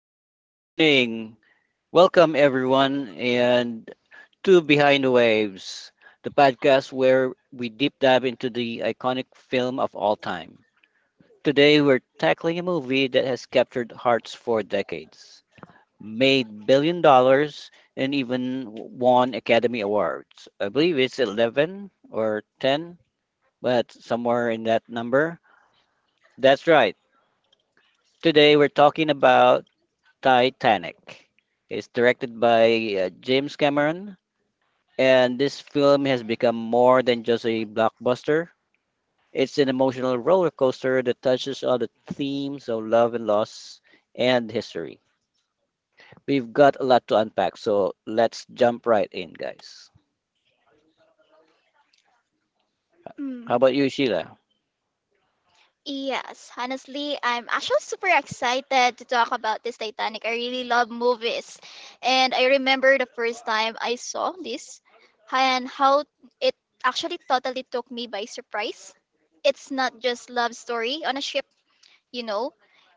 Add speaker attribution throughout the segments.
Speaker 1: Hello, good morning. Welcome, everyone, and to Behind the Waves, the podcast where we deep dive into the iconic film of all time. Today, we're tackling a movie that has captured hearts for decades, made $1 billion, and even won Academy Awards. I believe it's 11 or 10, but somewhere in that number. That's right. Today, we're talking about Titanic. It's directed by James Cameron, and this film has become more than just a blockbuster. It's an emotional roller coaster that touches on the themes of love and loss and history. We've got a lot to unpack, so let's jump right in, guys. How
Speaker 2: Mm.
Speaker 1: about you, Sheila?
Speaker 2: Yes, honestly, I'm actually super excited to talk about this Titanic. I really love movies. And I remember the first time I saw this, and how it actually totally took me by surprise. It's not just love story on a ship, you know.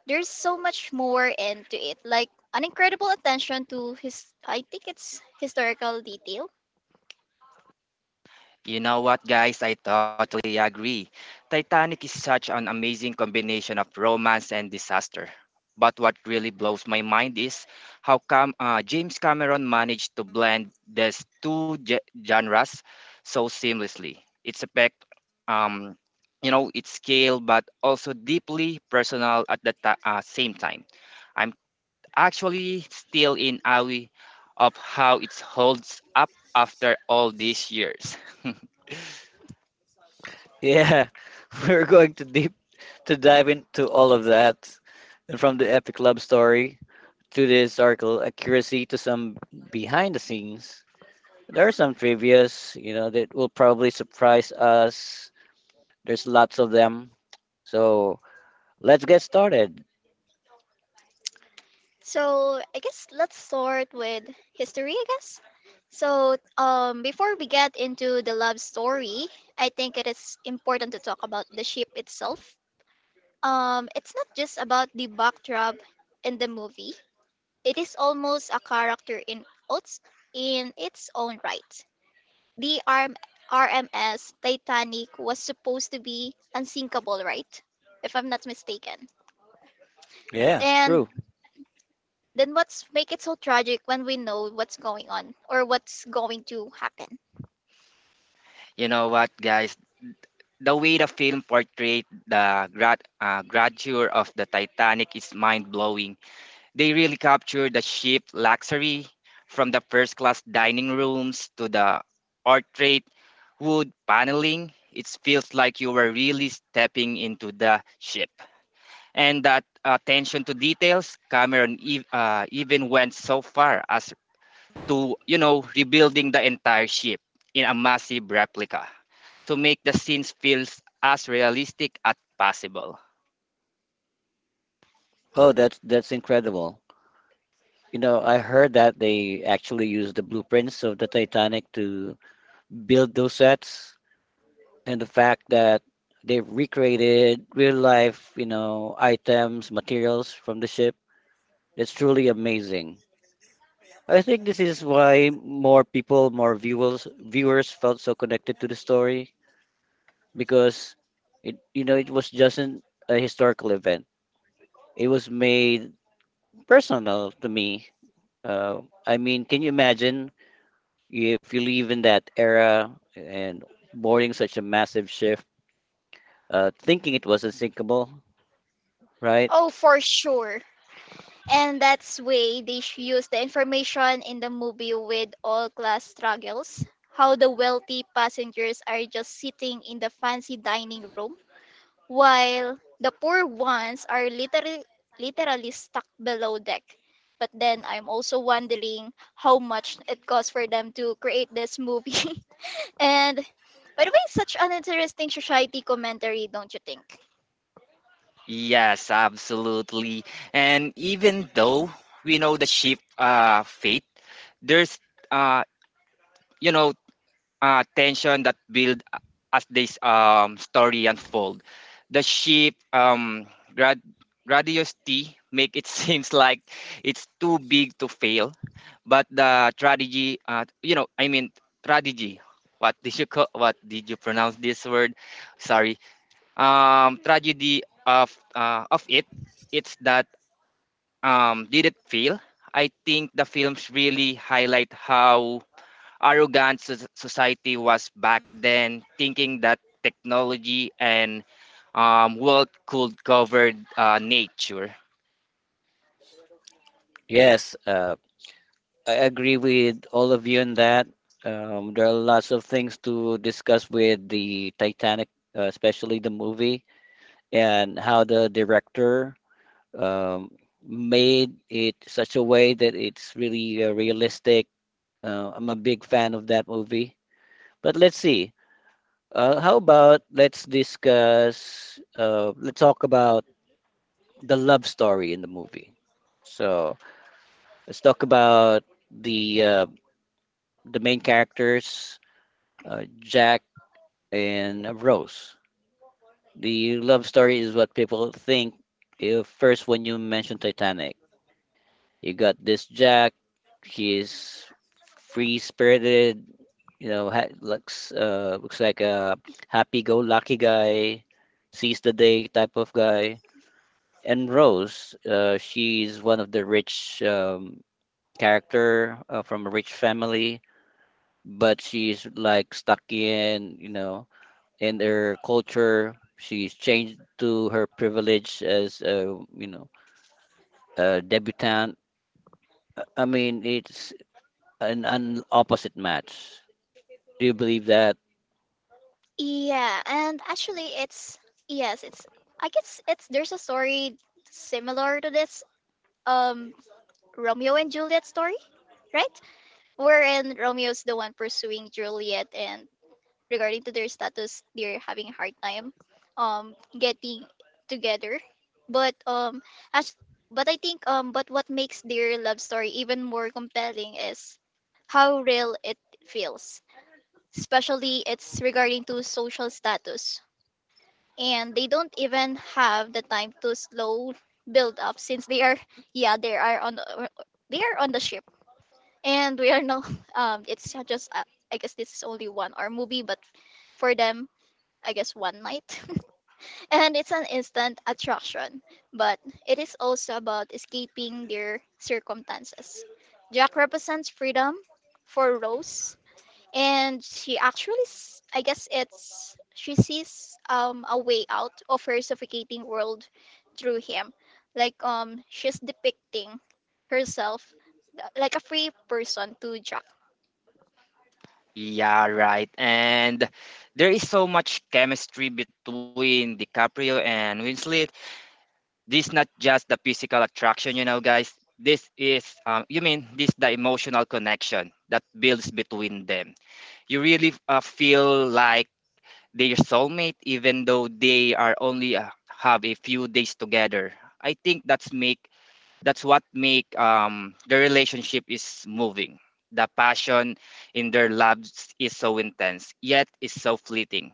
Speaker 2: There's so much more into it, like an incredible attention to his I think it's historical detail.
Speaker 3: You know what, guys? I totally agree. Titanic is such an amazing combination of romance and disaster. But what really blows my mind is how come James Cameron managed to blend these two genres so seamlessly. Its effect, um, its scale, but also deeply personal at the same time. I'm actually still in awe of how it holds up after all these years.
Speaker 1: Yeah, we're going to dive into all of that, and from the epic love story to the historical accuracy to some behind the scenes. There are some trivias, that will probably surprise us. There's lots of them. So let's get started.
Speaker 2: So I guess let's start with history, I guess. So before we get into the love story, I think it is important to talk about the ship itself. It's not just about the backdrop in the movie. It is almost a character its in its own right. The RMS Titanic was supposed to be unsinkable, right? If I'm not mistaken.
Speaker 1: Yeah,
Speaker 2: And
Speaker 1: true.
Speaker 2: then what's make it so tragic when we know what's going on or what's going to happen?
Speaker 3: You know what, guys? The way the film portrayed the grandeur of the Titanic is mind blowing. They really captured the ship luxury from the first class dining rooms to the portrait wood paneling. It feels like you were really stepping into the ship. And that attention to details Cameron even went so far as to rebuilding the entire ship in a massive replica to make the scenes feel as realistic as possible.
Speaker 1: Oh, that's incredible. You know, I heard that they actually used the blueprints of the Titanic to build those sets, and the fact that they recreated real life, you know, items, materials from the ship. That's truly amazing. I think this is why more people, more viewers, viewers felt so connected to the story, because it you know it was just a historical event. It was made personal to me. Uh, I mean, can you imagine if you live in that era and boarding such a massive shift, thinking it was unsinkable, right?
Speaker 2: Oh, for sure. And that's way they use the information in the movie with all class struggles. How the wealthy passengers are just sitting in the fancy dining room while the poor ones are literally stuck below deck. But then I'm also wondering how much it costs for them to create this movie. And by the way, such an interesting society commentary, don't you think?
Speaker 3: Yes, absolutely. And even though we know the ship fate, there's uh, you know tension that as this story unfold. The ship grad- grandiosity make it seems like it's too big to fail, but the strategy, strategy. What did you call, what did you pronounce this word? Sorry. Tragedy of it. It's that did it fail? I think the films really highlight how arrogant society was back then, thinking that technology and wealth could cover nature.
Speaker 1: Yes, I agree with all of you on that. There are lots of things to discuss with the Titanic, especially the movie, and how the director um, made it such a way that it's really realistic. I'm a big fan of that movie. But let's see. How about let's talk about the love story in the movie. So let's talk about the uh, the main characters, Jack and Rose. The love story is what people think if first when you mention Titanic. You got this Jack. She's free spirited. You know, looks like a happy go lucky guy, seize the day type of guy. And Rose, she's one of the rich character from a rich family, but she's like stuck in, you know, in their culture. She's changed to her privilege as, a you know, a debutante. I mean, it's an opposite match. Do you believe that?
Speaker 2: Yeah, and actually, it's yes, it's I guess it's there's a story similar to this um Romeo and Juliet story, right? Wherein Romeo's the one pursuing Juliet, and regarding to their status, they're having a hard time um getting together, but as but I think, but what makes their love story even more compelling is how real it feels, especially it's regarding to social status, and they don't even have the time to slow build up since they are yeah they are on the- they are on the ship. And we are no. It's just I guess this is only 1 hour movie, but for them I guess one night. And it's an instant attraction, but it is also about escaping their circumstances. Jack represents freedom for Rose, and she actually, I guess it's she sees a way out of her suffocating world through him. Like she's depicting herself like a free person to Jack.
Speaker 3: Yeah, right. And there is so much chemistry between DiCaprio and Winslet. This not just the physical attraction, you know, guys. This is, you mean, this the emotional connection that builds between them. You really feel like their soulmate even though they are only have a few days together. I think that's what make the relationship is moving. The passion in their loves is so intense yet is so fleeting.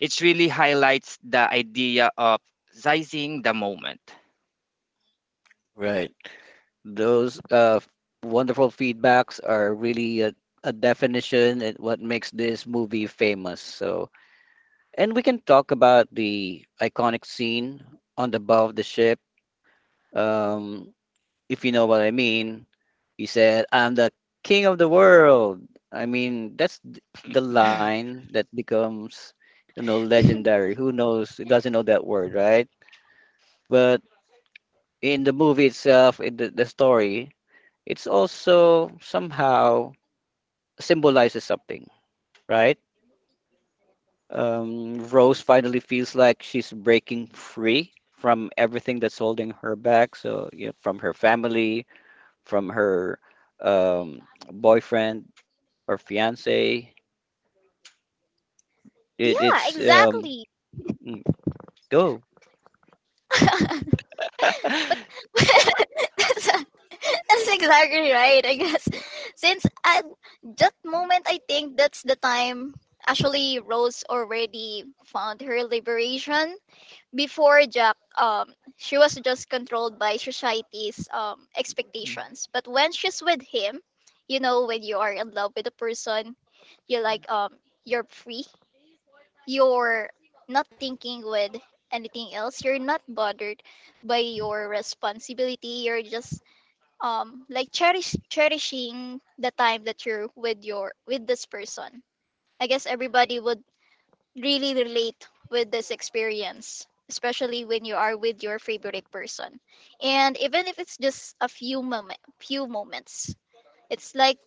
Speaker 3: It really highlights the idea of seizing the moment.
Speaker 1: Right. Those wonderful feedbacks are really a definition and what makes this movie famous. So, and we can talk about the iconic scene on the bow of the ship. Um, if you know what I mean, he said, "I'm the king of the world." I mean, that's the line that becomes, you know, legendary. Who knows? Who doesn't know that word, right? But in the movie itself, in the story, it's also somehow symbolizes something, right? Rose finally feels like she's breaking free from everything that's holding her back. So, you know, from her family, from her um, boyfriend or fiance. It,
Speaker 2: Yeah,
Speaker 1: it's
Speaker 2: exactly.
Speaker 1: mm, go.
Speaker 2: But that's exactly right, I guess. Since at that moment, I think that's the time actually Rose already found her liberation. Before Jack, she was just controlled by society's expectations. But when she's with him, when you are in love with a person, you like you're free, you're not thinking with anything else, you're not bothered by your responsibility, you're just like cherishing the time that you're with your with this person. I guess everybody would really relate with this experience, especially when you are with your favorite person, and even if it's just a few moments, it's like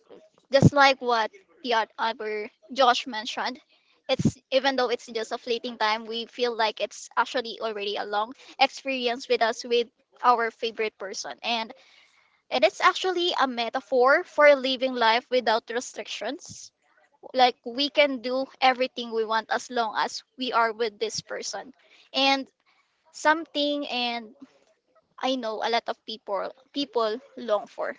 Speaker 2: just like what the other Josh mentioned, it's even though it's just a fleeting time, we feel like it's actually already a long experience with us with our favorite person. And it is actually a metaphor for living life without restrictions. Like we can do everything we want as long as we are with this person. And something, and I know a lot of people long for.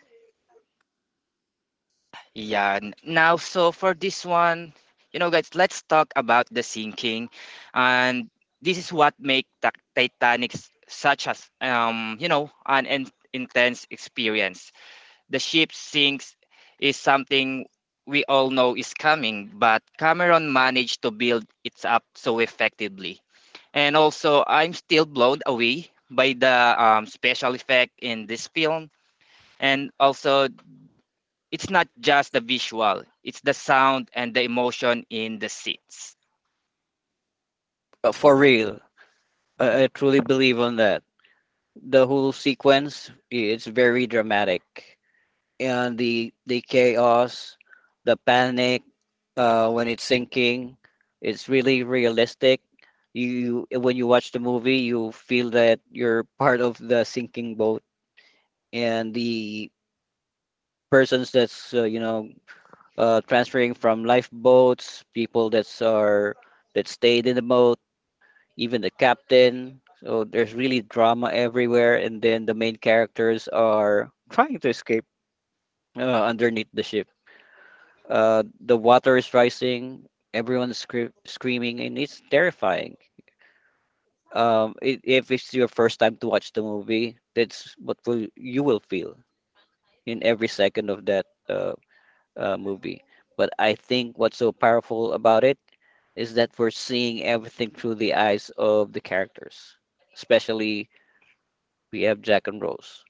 Speaker 3: Yeah. Now, so for this one, you know, guys, let's talk about the sinking, and this is what make the Titanic such as an intense experience. The ship sinks is something we all know is coming, but Cameron managed to build it up so effectively. And also, I'm still blown away by the special effect in this film, and also it's not just the visual, it's the sound and the emotion in the seats.
Speaker 1: For real. I truly believe on that. The whole sequence, it's very dramatic and the chaos, the panic when it's sinking, it's really realistic. You, when you watch the movie, you feel that you're part of the sinking boat, and the persons that's, you know, transferring from lifeboats, people that's are that stayed in the boat, even the captain. So there's really drama everywhere, and then the main characters are trying to escape underneath the ship. The water is rising. Everyone's screaming, and it's terrifying. I if it's your first time to watch the movie, that's what will you will feel in every second of that movie. But I think what's so powerful about it is that we're seeing everything through the eyes of the characters. Especially we have Jack and Rose.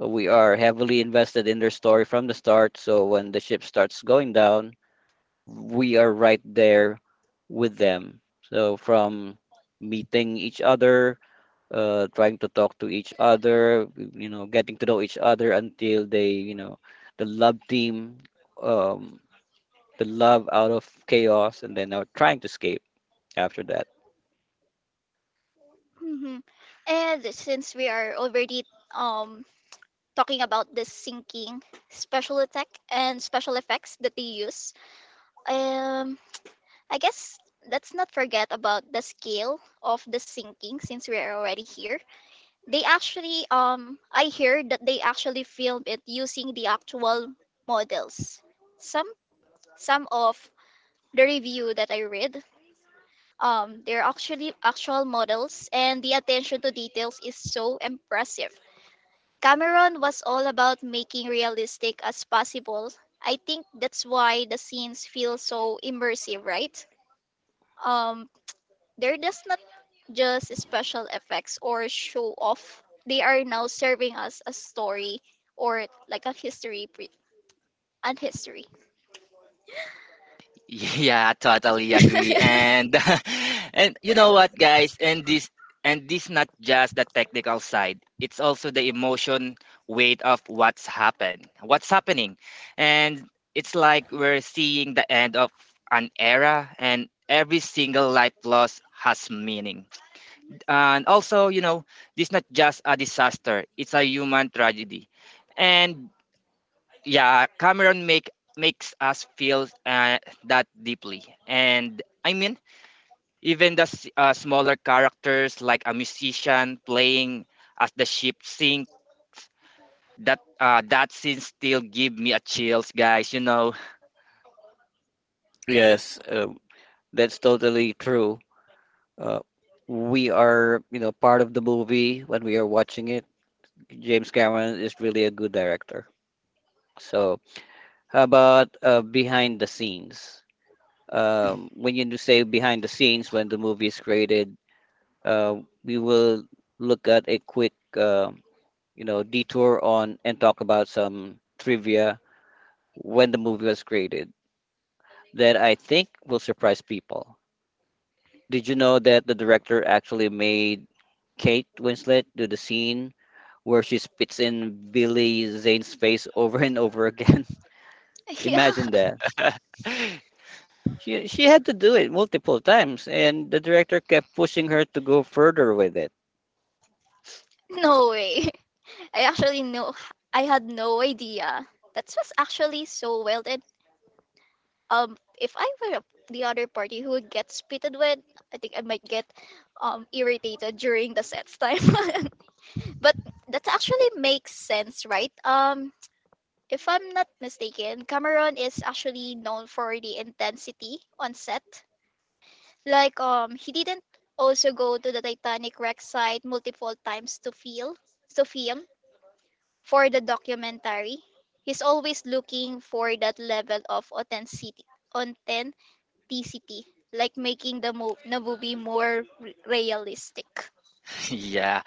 Speaker 1: We are heavily invested in their story from the start, so when the ship starts going down, we are right there with them. So from meeting each other, trying to talk to each other, you know, getting to know each other until they, you know, the love team, um, the love out of chaos, and then are trying to escape after that.
Speaker 2: Mhm. And since we are already um talking about the syncing special attack and special effects that they use. Um, I guess let's not forget about the scale of the syncing since we are already here. They actually, I hear that they actually filmed it using the actual models. Some some of the review that I read, they're actually actual models, and the attention to details is so impressive. Cameron was all about making realistic as possible. I think that's why the scenes feel so immersive, right? Um, they're just not just special effects or show off. They are now serving us a story or like a history, and history.
Speaker 3: Yeah, totally agree. And and you know what guys, and this not just the technical side. It's also the emotion weight of what's happened. What's happening. And it's like we're seeing the end of an era and every single life loss has meaning. And also, you know, this not just a disaster, it's a human tragedy and yeah cameron make makes us feel that deeply. And I mean even the smaller characters like a musician playing as the ship sinks, that scene still give me a chills, guys, you know.
Speaker 1: Yes, that's totally true. Uh, we are, you know, part of the movie when we are watching it. James Cameron is really a good director. So how about behind the scenes? When you do say behind the scenes, when the movie is created, uh, we will look at a quick, you know, detour on and talk about some trivia when the movie was created that I think will surprise people. Did you know that the director actually made Kate Winslet do the scene where she spits in Billy Zane's face over and over again?
Speaker 2: Yeah,
Speaker 1: Imagine that. She had to do it multiple times, and the director kept pushing her to go further with it.
Speaker 2: no way. I actually know I had no idea. That was actually so well done. If I were the other party who gets pitted with, I think I might get irritated during the sets time. But that actually makes sense, right? If I'm not mistaken, Cameron is actually known for the intensity on set. Like he didn't also go to the Titanic wreck site multiple times to feel to film for the documentary. He's always looking for that level of authenticity, like making the movie more realistic.
Speaker 3: Yeah,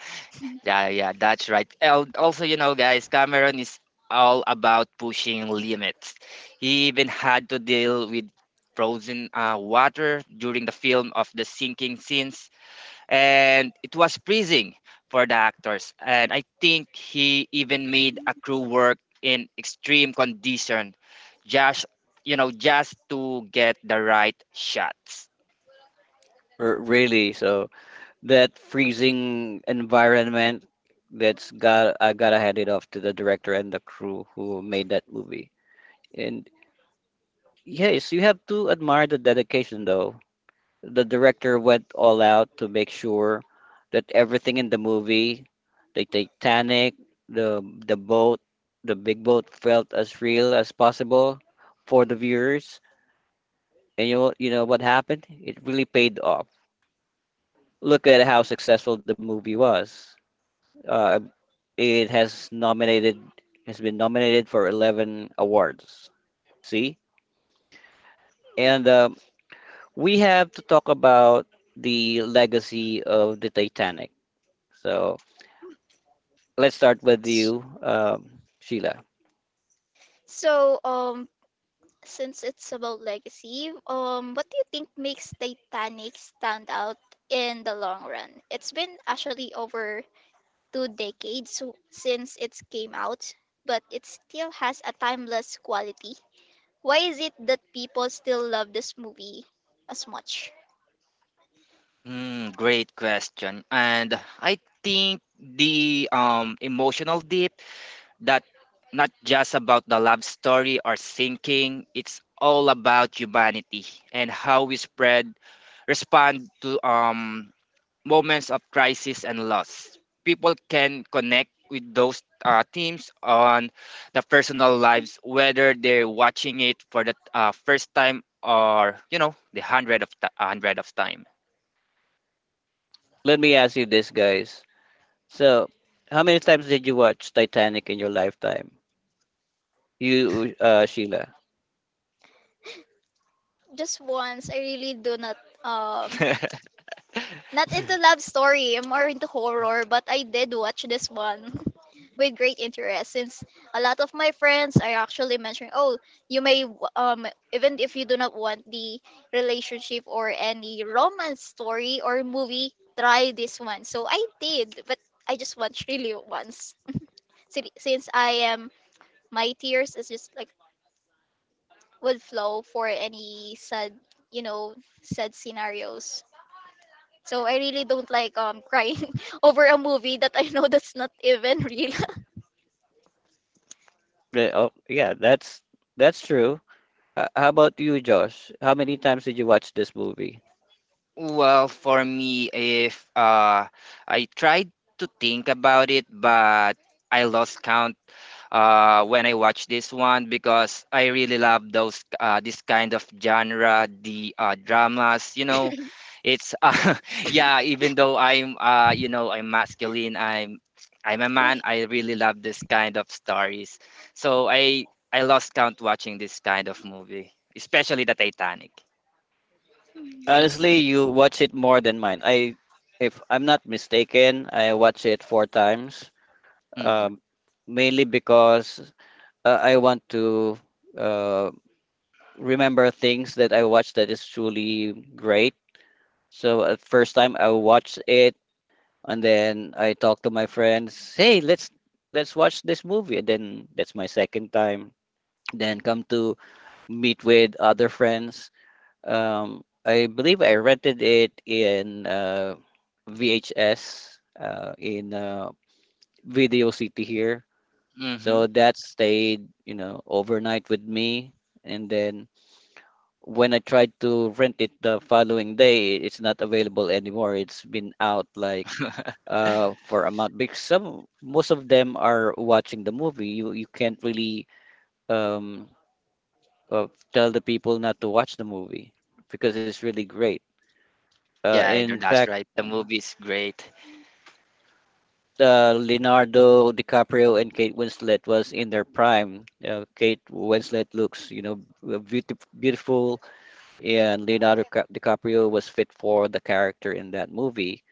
Speaker 3: yeah that's right. Also, you know, guys, Cameron is all about pushing limits. He even had to deal with frozen water during the film of the sinking scenes, and it was freezing for the actors. And I think he even made a crew work in extreme condition, just you know, just to get the right shots.
Speaker 1: Really, so that freezing environment, that's got I gotta hand it off to the director and the crew who made that movie. And yes, you have to admire the dedication, though. The director went all out to make sure that everything in the movie, the Titanic, the boat, the big boat, felt as real as possible for the viewers. And you know what happened? It really paid off. Look at how successful the movie was. Uh, it has been nominated for 11 awards. See? And we have to talk about the legacy of the Titanic. So let's start with
Speaker 2: S-
Speaker 1: you, Sheila.
Speaker 2: So, since it's about legacy, what do you think makes Titanic stand out in the long run? It's been actually over 2 decades since it came out, but it still has a timeless quality. Why is it that people still love this movie as much?
Speaker 3: Hmm, great question. And I think the emotional deep that not just about the love story or sinking, it's all about humanity and how we spread respond to moments of crisis and loss. People can connect with those themes on the personal lives, whether they're watching it for the first time or you know the hundred of time.
Speaker 1: Let me ask you this, guys. So, how many times did you watch Titanic in your lifetime? You, Sheila.
Speaker 2: Just once. I really do not. um Not into love story, I'm more into horror, but I did watch this one with great interest since a lot of my friends are actually mentioning, oh, you may, even if you do not want the relationship or any romance story or movie, try this one. So I did, but I just watched really once. Since I am, my tears is just like would flow for any sad, you know, sad scenarios. So I really don't like crying over a movie that I know that's not even real.
Speaker 1: Yeah, oh, yeah, that's true. How about you, Josh? How many times did you watch this movie?
Speaker 3: Well, for me, if I tried to think about it, but I lost count when I watched this one because I really love those this kind of genre, the dramas. You know, it's yeah. Even though I'm I'm masculine, I'm a man.
Speaker 2: we
Speaker 3: I really love this kind of stories. So I lost count watching this kind of movie, especially the Titanic.
Speaker 1: Honestly, you watch it more than mine. If I'm not mistaken, I watch it four times.
Speaker 3: Mm-hmm.
Speaker 1: Um, mainly because I want to uh, remember things that I watched that is truly great. So at first time I watched it, and then I talked to my friends. Hey, let's watch this movie. And then that's my second time. Then come to meet with other friends. I believe I rented it in VHS in Video City here.
Speaker 3: Mm-hmm.
Speaker 1: So that stayed, you know, overnight with me. And then when I tried to rent it the following day, it's not available anymore. It's been out like for a month because some most of them are watching the movie. You can't really um, uh, tell the people not to watch the movie because it's really great.
Speaker 3: Yeah, I know,
Speaker 1: In
Speaker 3: that's
Speaker 1: fact,
Speaker 3: right. The movie is great.
Speaker 1: Leonardo DiCaprio and Kate Winslet was in their prime. Kate Winslet looks, you know, beautiful, beautiful, and DiCaprio was fit for the character in that movie.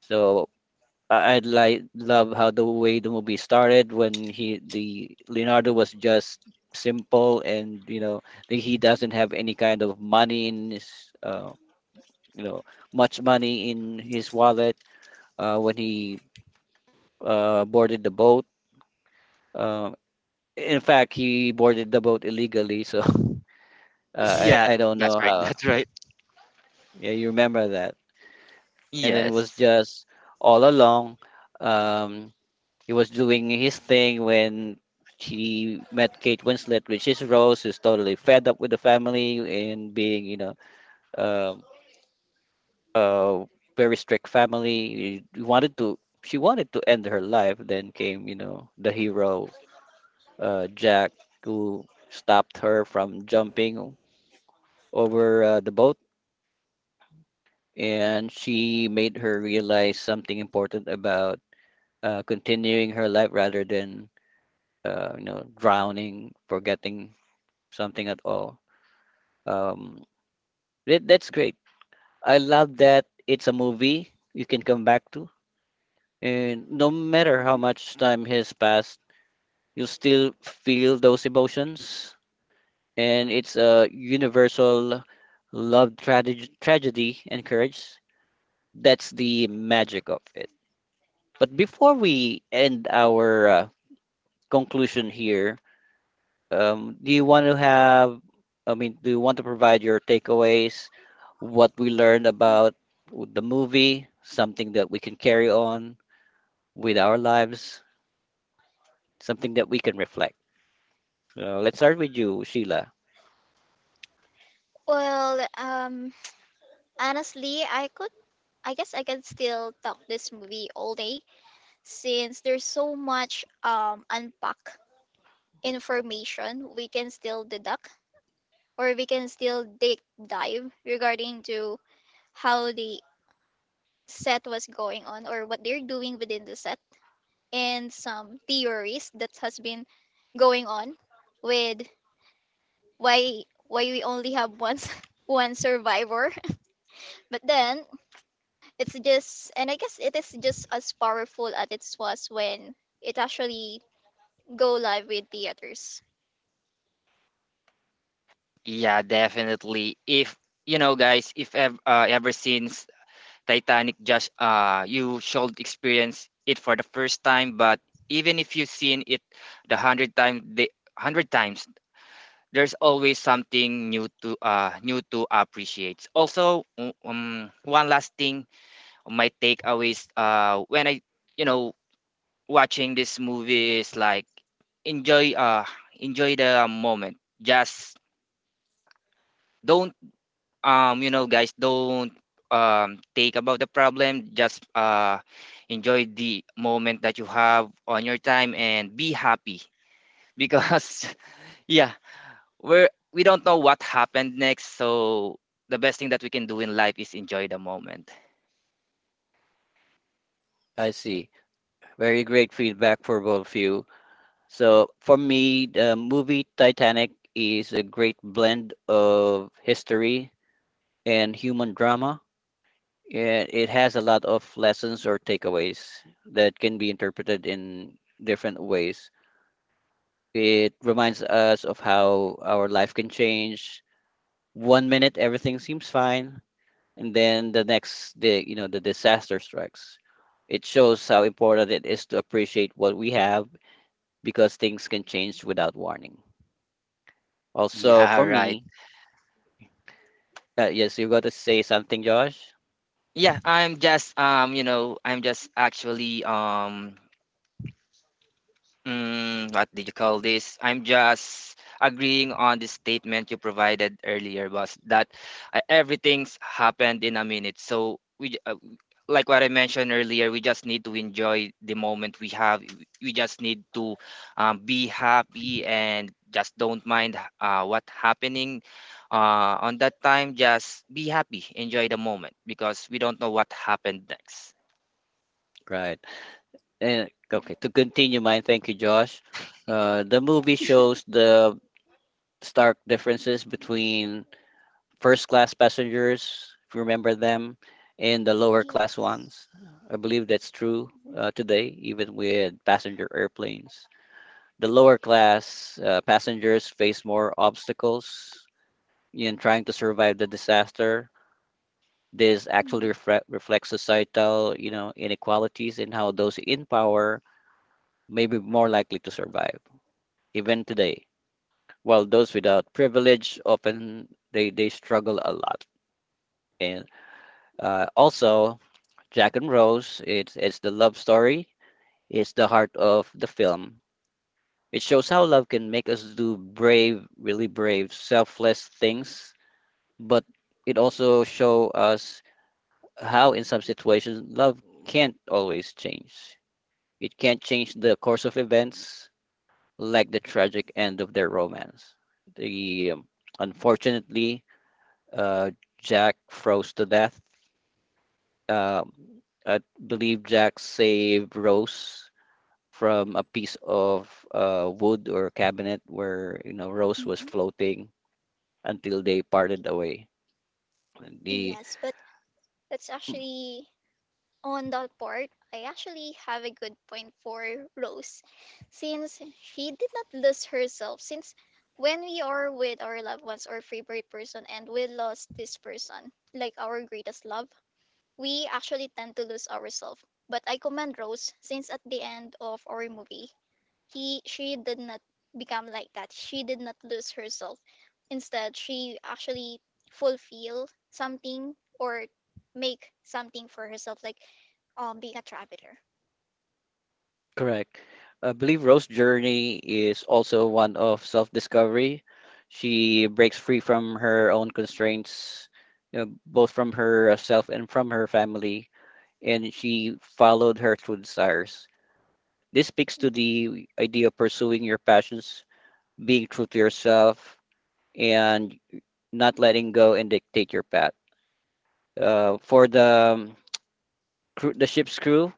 Speaker 1: So I- I'd like love how the way the movie started when he the Leonardo was just simple, and you know that he doesn't have any kind of money in his, you know much money in his wallet when he boarded the boat. Um, in fact, he boarded the boat illegally, so
Speaker 3: Yeah,
Speaker 1: I don't
Speaker 3: that's
Speaker 1: know
Speaker 3: right.
Speaker 1: how.
Speaker 3: That's right.
Speaker 1: Yeah, you remember that. And then it was
Speaker 3: Yes.
Speaker 1: just all along. Um, he was doing his thing when he met Kate Winslet, which is Rose, who's totally fed up with the family and being, you know, um, uh, very strict family. He wanted to. She wanted to end her life. Then came, you know, the hero Jack, who stopped her from jumping over the boat, and she made her realize something important about continuing her life rather than, you know, drowning, forgetting something at all. Um, that's great. I love that it's a movie you can come back to, and no matter how
Speaker 2: Mhm.
Speaker 1: much time has passed, you still feel those emotions, and it's a universal love tragedy and courage. That's the magic of it. But before we end our conclusion here, do you want to have, I mean, do you want to provide your takeaways, what we learned about the movie, something that we can carry on with our lives, something that we can reflect? So let's start with you, Sheila.
Speaker 2: Well, honestly, I guess I can still talk this movie all day since there's so much unpack information we can still deduct or we can still deep dive regarding to how the set was going on or what they're doing within the set, and some theories that has been going on with, why why we only have one one survivor. But then it's just and I guess it is just as powerful as it was when it actually go live with theaters.
Speaker 3: Yeah, definitely. If you know, guys, if ever, ever since Titanic, just you should experience it for the first time. But even if you've seen it the hundred times, there's always something new to new to appreciate. Also, one last thing, my takeaways. When I you know watching this movie is like enjoy uh enjoy the moment. Just don't you know, guys, don't take about the problem. Just enjoy the moment that you have on your time and be happy because yeah, we're we don't know what happened next. So the best thing that we can do in life is enjoy the moment.
Speaker 1: I see. Very great feedback for both of you. So for me, the movie Titanic is a great blend of history and human drama. And it has a lot of lessons or takeaways that can be interpreted in different ways. It reminds us of how our life can change. One minute everything seems fine, and then the next day, you know, the disaster strikes. It shows how important it is to appreciate what we have because things can change without warning. Also,
Speaker 3: Yeah,
Speaker 1: for
Speaker 3: right.
Speaker 1: me, yes, you got to say something, Josh.
Speaker 3: Yeah, I'm just I'm just actually mm, what did you call this? I'm just agreeing on the statement you provided earlier, boss, that everything's happened in a minute. So we, like what I mentioned earlier, we just need to enjoy the moment we have. We just need to be happy and just don't mind what happening on that time. Just be happy, enjoy the moment because we don't know what happened next.
Speaker 1: Right. And okay, to continue mine, thank you, Josh. The movie shows the stark differences between first class passengers, if you remember them, and the lower class
Speaker 2: Yes.
Speaker 1: ones. I believe that's true today, even with passenger airplanes. The lower class passengers face more obstacles in trying to survive the disaster. This actually reflects societal, you know, inequalities in how those in power may be more likely to survive, even today, while those without privilege often they struggle a lot. And also, Jack and Rose, it's the love story, it's the heart of the film. It shows how love can make us do brave, really brave, selfless things, but it also show us how in some situations love can't always change. It can't change the course of events, like the tragic end of their romance. The unfortunately, uh, Jack froze to death. Um, I believe Jack saved Rose from a piece of, wood or cabinet where you know Rose was
Speaker 2: Mhm.
Speaker 1: floating until they parted away. The
Speaker 2: Yes, but that's actually on that part, I actually have a good point for Rose, since she did not lose herself. Since when we are with our loved ones or favorite person and we lost this person, like our greatest love, we actually tend to lose ourselves. But I commend Rose, since at the end of our movie, he she did not become like that, she did not lose herself, instead she actually fulfill something or make something for herself, like being a traveler.
Speaker 1: Correct. I believe Rose's journey is also one of self-discovery. She breaks free from her own constraints, you know, both from herself and from her family, and she followed her true desires. This speaks to the idea of pursuing your passions, being true to yourself, and not letting go and dictate your path. For the um, the ship's crew,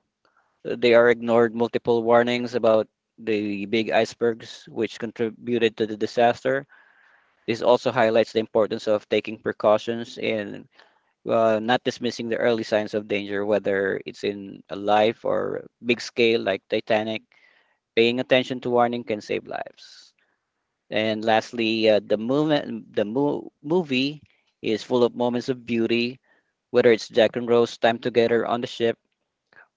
Speaker 1: they are ignored multiple warnings about the big icebergs, which contributed to the disaster. This also highlights the importance of taking precautions and not dismissing the early signs of danger, whether it's in a life or big scale like Titanic. Paying attention to warning can save lives. And lastly, the movie is full of moments of beauty, whether it's Jack and Rose time together on the ship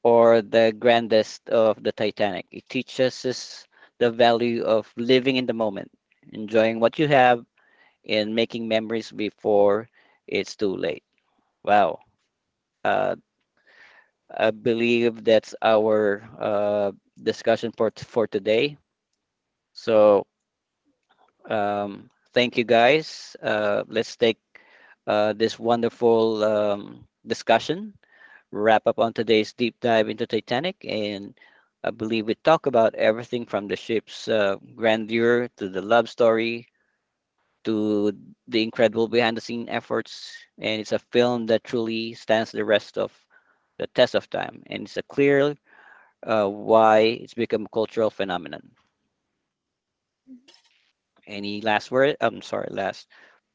Speaker 1: or the grandest of the Titanic. It teaches us the value of living in the moment, enjoying what you have, and making memories before it's too late. Wow. Uh, I believe that's our discussion for, for today. So, thank you guys. Let's take this wonderful discussion wrap up on today's deep dive into Titanic, and I believe we talk about everything from the ship's grandeur to the love story to the incredible behind-the-scene efforts. And it's a film that truly stands the test of time, and it's a clear why it's become a cultural phenomenon. Any last word? I'm sorry, last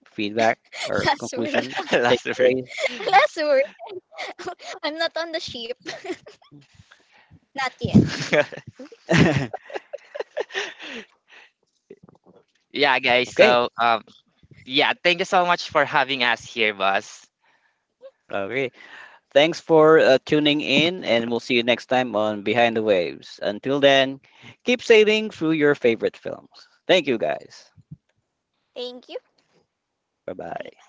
Speaker 1: feedback or
Speaker 2: Last word.
Speaker 1: conclusion
Speaker 3: Last word.
Speaker 1: takeaways?
Speaker 2: Last word. I'm not on the ship. Not yet.
Speaker 3: Yeah, guys.
Speaker 1: Okay,
Speaker 3: So yeah, thank you so much for having us here, boss.
Speaker 1: okay. Thanks for tuning in, and we'll see you next time on Behind the Waves. Until then, keep sailing through your favorite films. Thank you, guys.
Speaker 2: Thank you.
Speaker 1: Bye
Speaker 2: Bye.
Speaker 1: bye.